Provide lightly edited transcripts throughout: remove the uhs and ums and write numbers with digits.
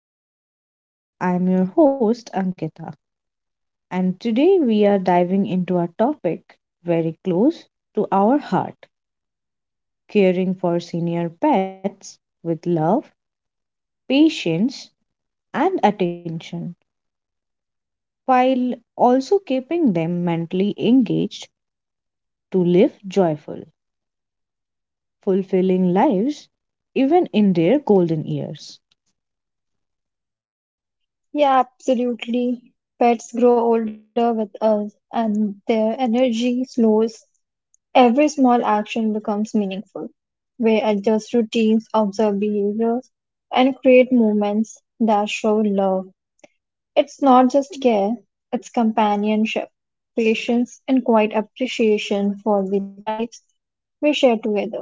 Lifestyle. I am your host, Ankita, and today we are diving into a topic very close to our heart, caring for senior pets with love, patience, and attention, while also keeping them mentally engaged to live joyful, fulfilling lives even in their golden years. Yeah, absolutely. Pets grow older with us, and their energy slows. Every small action becomes meaningful. We adjust routines, observe behaviors, and create moments that show love. It's not just care, it's companionship, patience, and quiet appreciation for the lives we share together.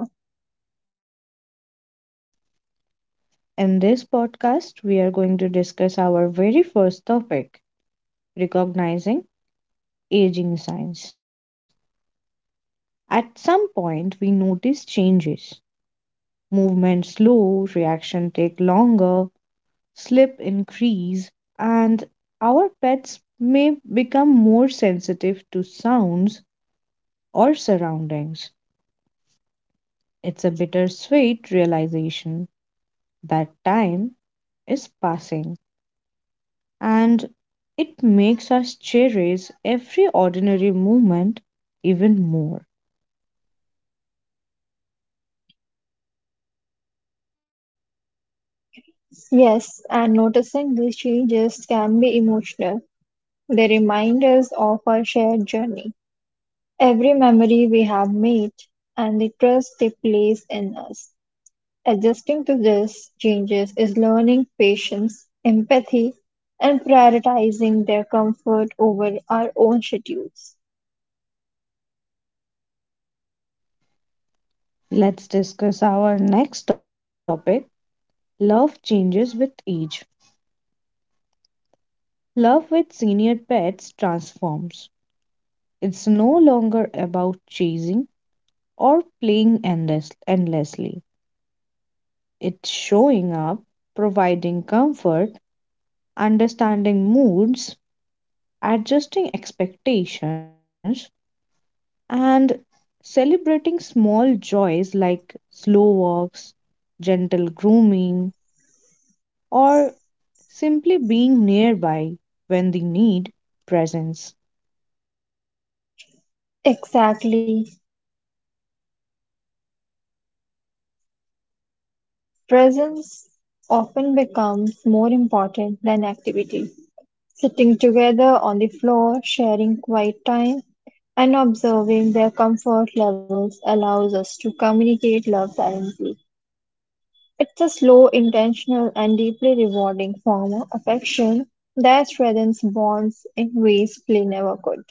In this podcast, we are going to discuss our very first topic, recognizing aging signs. At some point, we notice changes. Movement slow, reaction take longer, slip increase, and our pets may become more sensitive to sounds or surroundings. It's a bittersweet realization that time is passing, and it makes us cherish every ordinary moment even more. Yes, and noticing these changes can be emotional. They remind us of our shared journey. Every memory we have made and the trust they place in us. Adjusting to these changes is learning patience, empathy, and prioritizing their comfort over our own schedules. Let's discuss our next topic, love changes with age. Love with senior pets transforms. It's no longer about chasing or endlessly. It's showing up, providing comfort, understanding moods, adjusting expectations, and celebrating small joys like slow walks, gentle grooming, or simply being nearby when the need presents. Exactly. Presence often becomes more important than activity. Sitting together on the floor, sharing quiet time, and observing their comfort levels allows us to communicate love silently. It's a slow, intentional, and deeply rewarding form of affection that strengthens bonds in ways play never could.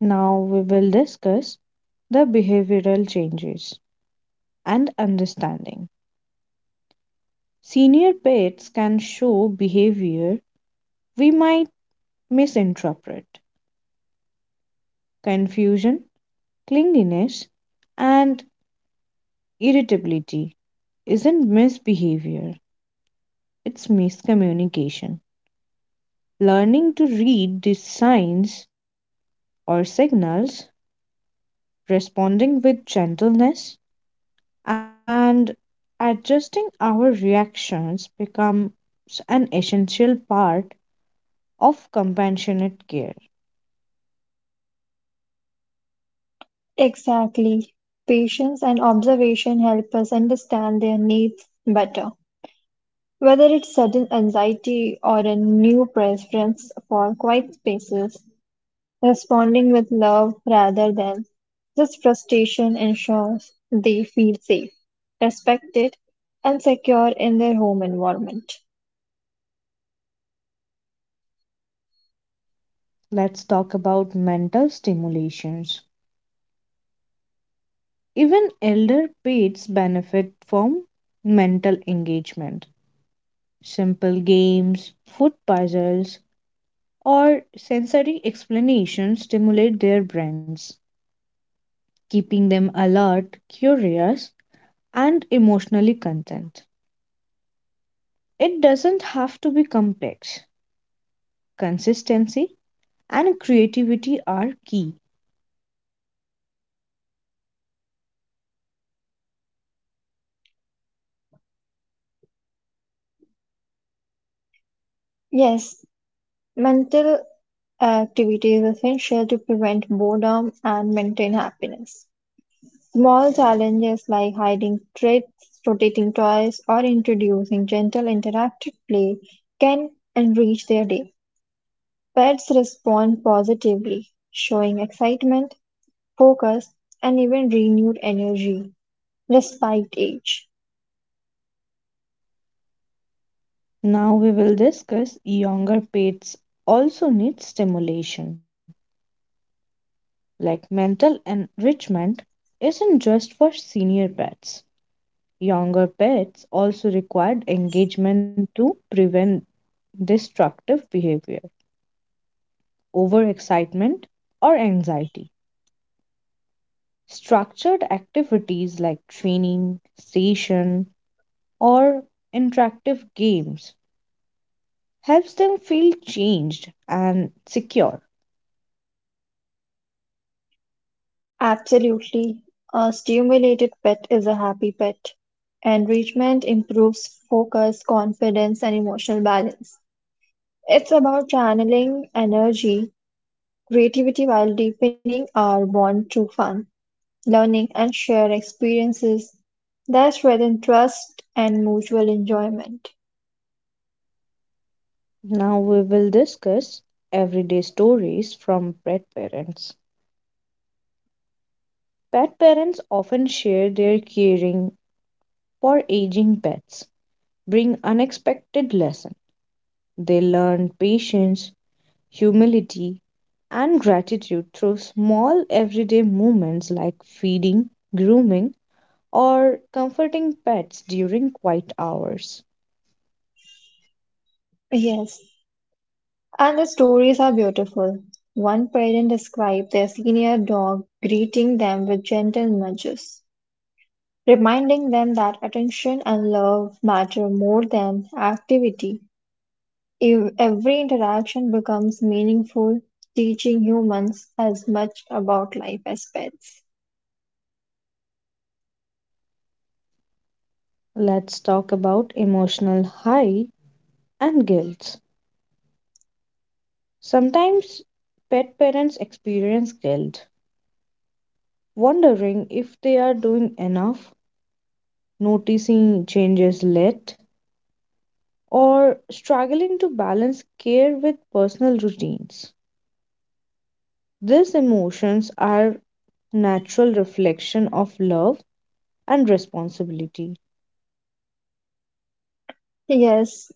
Now we will discuss the behavioral changes and understanding. Senior pets can show behavior we might misinterpret. Confusion, clinginess, and irritability isn't misbehavior, it's miscommunication. Learning to read these signs or signals, responding with gentleness, and adjusting our reactions becomes an essential part of compassionate care. Exactly. Patience and observation help us understand their needs better. Whether it's sudden anxiety or a new preference for quiet spaces, responding with love rather than this frustration ensures they feel safe, respected, and secure in their home environment. Let's talk about mental stimulations. Even elder pets benefit from mental engagement. Simple games, food puzzles, or sensory explanations stimulate their brains, keeping them alert, curious, and emotionally content. It doesn't have to be complex. Consistency, and creativity are key. Yes, mental activity is essential to prevent boredom and maintain happiness. Small challenges like hiding treats, rotating toys, or introducing gentle interactive play can enrich their day. Pets respond positively, showing excitement, focus, and even renewed energy despite age. Now we will discuss younger pets also need stimulation. Like mental enrichment isn't just for senior pets. Younger pets also require engagement to prevent destructive behavior, overexcitement, or anxiety. Structured activities like training, station, or interactive games helps them feel changed and secure. Absolutely. A stimulated pet is a happy pet. Enrichment improves focus, confidence, and emotional balance. It's about channeling energy, creativity while deepening our bond through fun, learning, and shared experiences that strengthen trust and mutual enjoyment. Now we will discuss everyday stories from pet parents. Pet parents often share their caring for aging pets, bring unexpected lessons. They learn patience, humility, and gratitude through small everyday moments like feeding, grooming, or comforting pets during quiet hours. Yes, and the stories are beautiful. One parent described their senior dog greeting them with gentle nudges, reminding them that attention and love matter more than activity. If every interaction becomes meaningful, teaching humans as much about life as pets. Let's talk about emotional high and guilt. Sometimes pet parents experience guilt, wondering if they are doing enough, noticing changes late, or struggling to balance care with personal routines. These emotions are natural reflection of love and responsibility. Yes,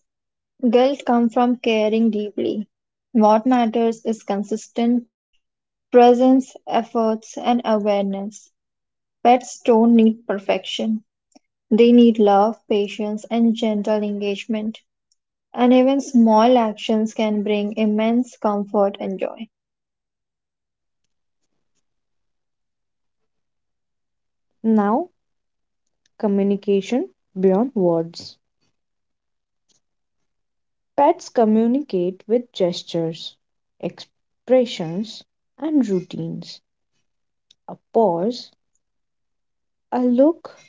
guilt comes from caring deeply. What matters is consistent presence, efforts, and awareness. Pets don't need perfection. They need love, patience, and gentle engagement. And even small actions can bring immense comfort and joy. Now, communication beyond words. Pets communicate with gestures, expressions, and routines. A pause, a look,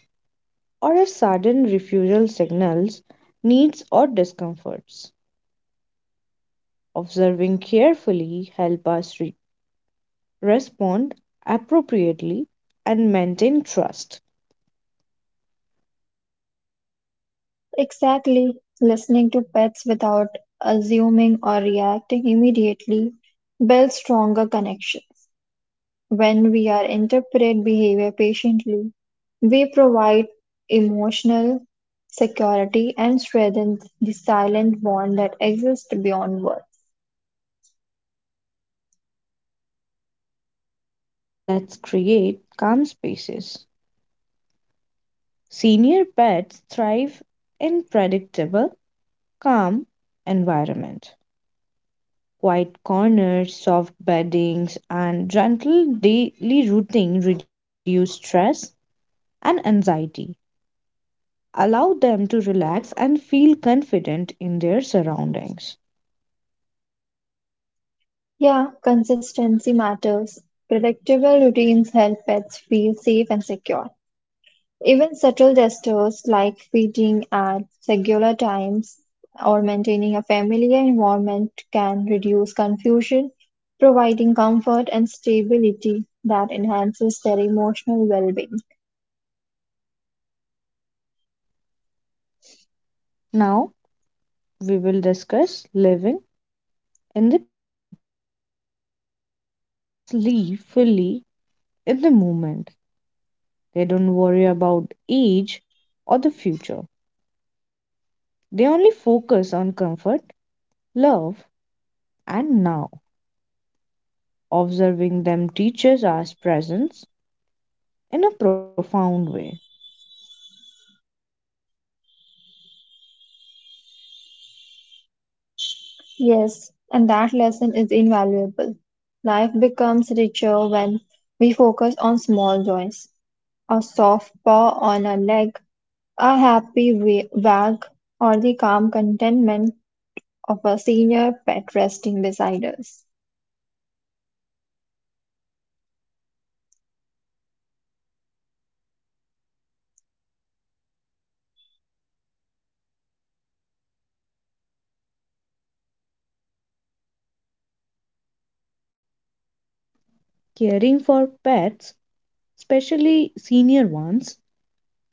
or a sudden refusal signals needs or discomforts. Observing carefully help us respond appropriately and maintain trust. Exactly. Listening to pets without assuming or reacting immediately builds stronger connections. When we are interpret behavior patiently, we provide emotional security and strengthen the silent bond that exists beyond words. Let's create calm spaces. Senior pets thrive in predictable, calm environment. Quiet corners, soft beddings, and gentle daily routine reduce stress and anxiety, allow them to relax and feel confident in their surroundings. Yeah, consistency matters. Predictable routines help pets feel safe and secure. Even subtle gestures like feeding at regular times or maintaining a familiar environment can reduce confusion, providing comfort and stability that enhances their emotional well being. Now, we will discuss living in the present. Pets live fully in the moment, they don't worry about age or the future. They only focus on comfort, love, and now. Observing them teaches us presence in a profound way. Yes, and that lesson is invaluable. Life becomes richer when we focus on small joys, a soft paw on a leg, a happy wag, or the calm contentment of a senior pet resting beside us. Caring for pets, especially senior ones,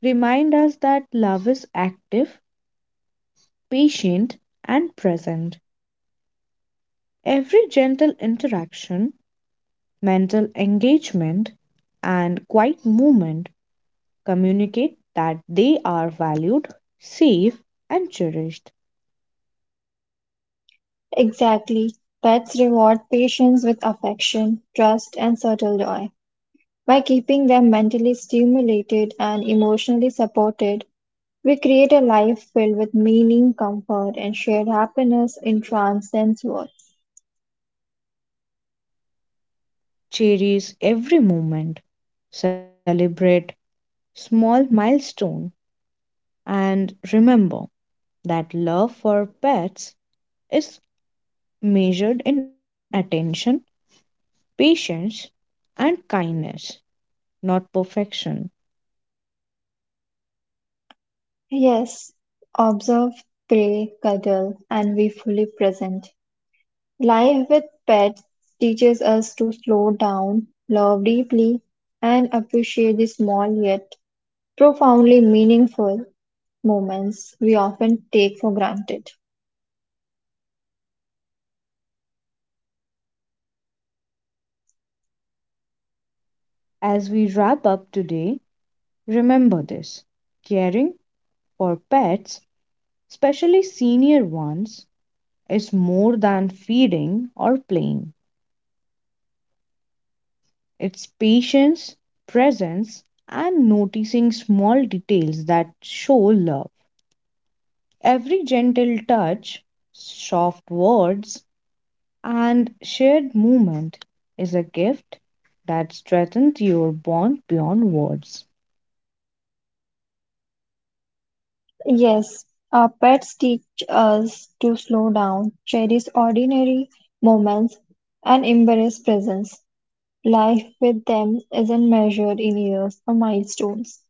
remind us that love is active, patient, and present. Every gentle interaction, mental engagement, and quiet movement communicate that they are valued, safe, and cherished. Exactly. Pets reward patients with affection, trust, and subtle joy. By keeping them mentally stimulated and emotionally supported, we create a life filled with meaning, comfort, and shared happiness in transcends words. Cherish every moment, celebrate small milestone, and remember that love for pets is measured in attention, patience, and kindness, not perfection. Yes, observe, pray, cuddle, and be fully present. Life with pets teaches us to slow down, love deeply, and appreciate the small yet profoundly meaningful moments we often take for granted. As we wrap up today, remember this, caring for pets, especially senior ones, is more than feeding or playing. It's patience, presence, and noticing small details that show love. Every gentle touch, soft words, and shared movement is a gift that strengthens your bond beyond words. Yes, our pets teach us to slow down, cherish ordinary moments, and embrace presence. Life with them isn't measured in years or milestones,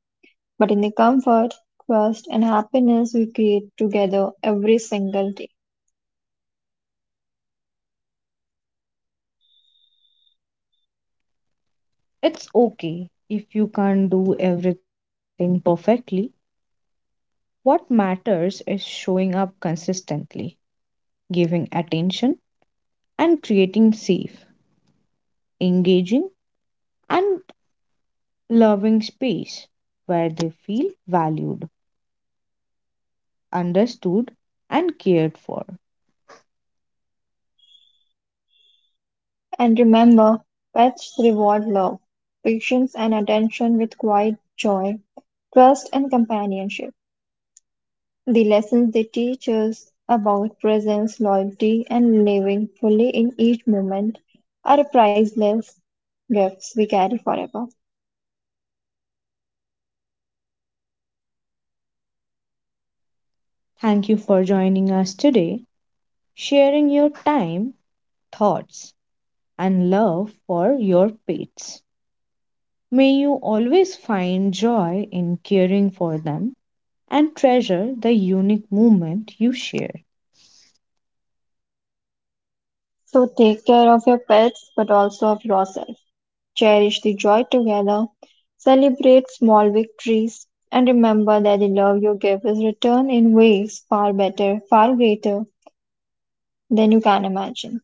but in the comfort, trust, and happiness we create together every single day. It's okay if you can't do everything perfectly. What matters is showing up consistently, giving attention, and creating safe, engaging, and loving space where they feel valued, understood, and cared for. And remember, pets reward love, patience, and attention with quiet joy, trust, and companionship. The lessons they teach us about presence, loyalty, and living fully in each moment are priceless gifts we carry forever. Thank you for joining us today, sharing your time, thoughts, and love for your pets. May you always find joy in caring for them and treasure the unique moment you share. So take care of your pets, but also of yourself. Cherish the joy together, celebrate small victories, and remember that the love you give is returned in ways far better, far greater then you can imagine.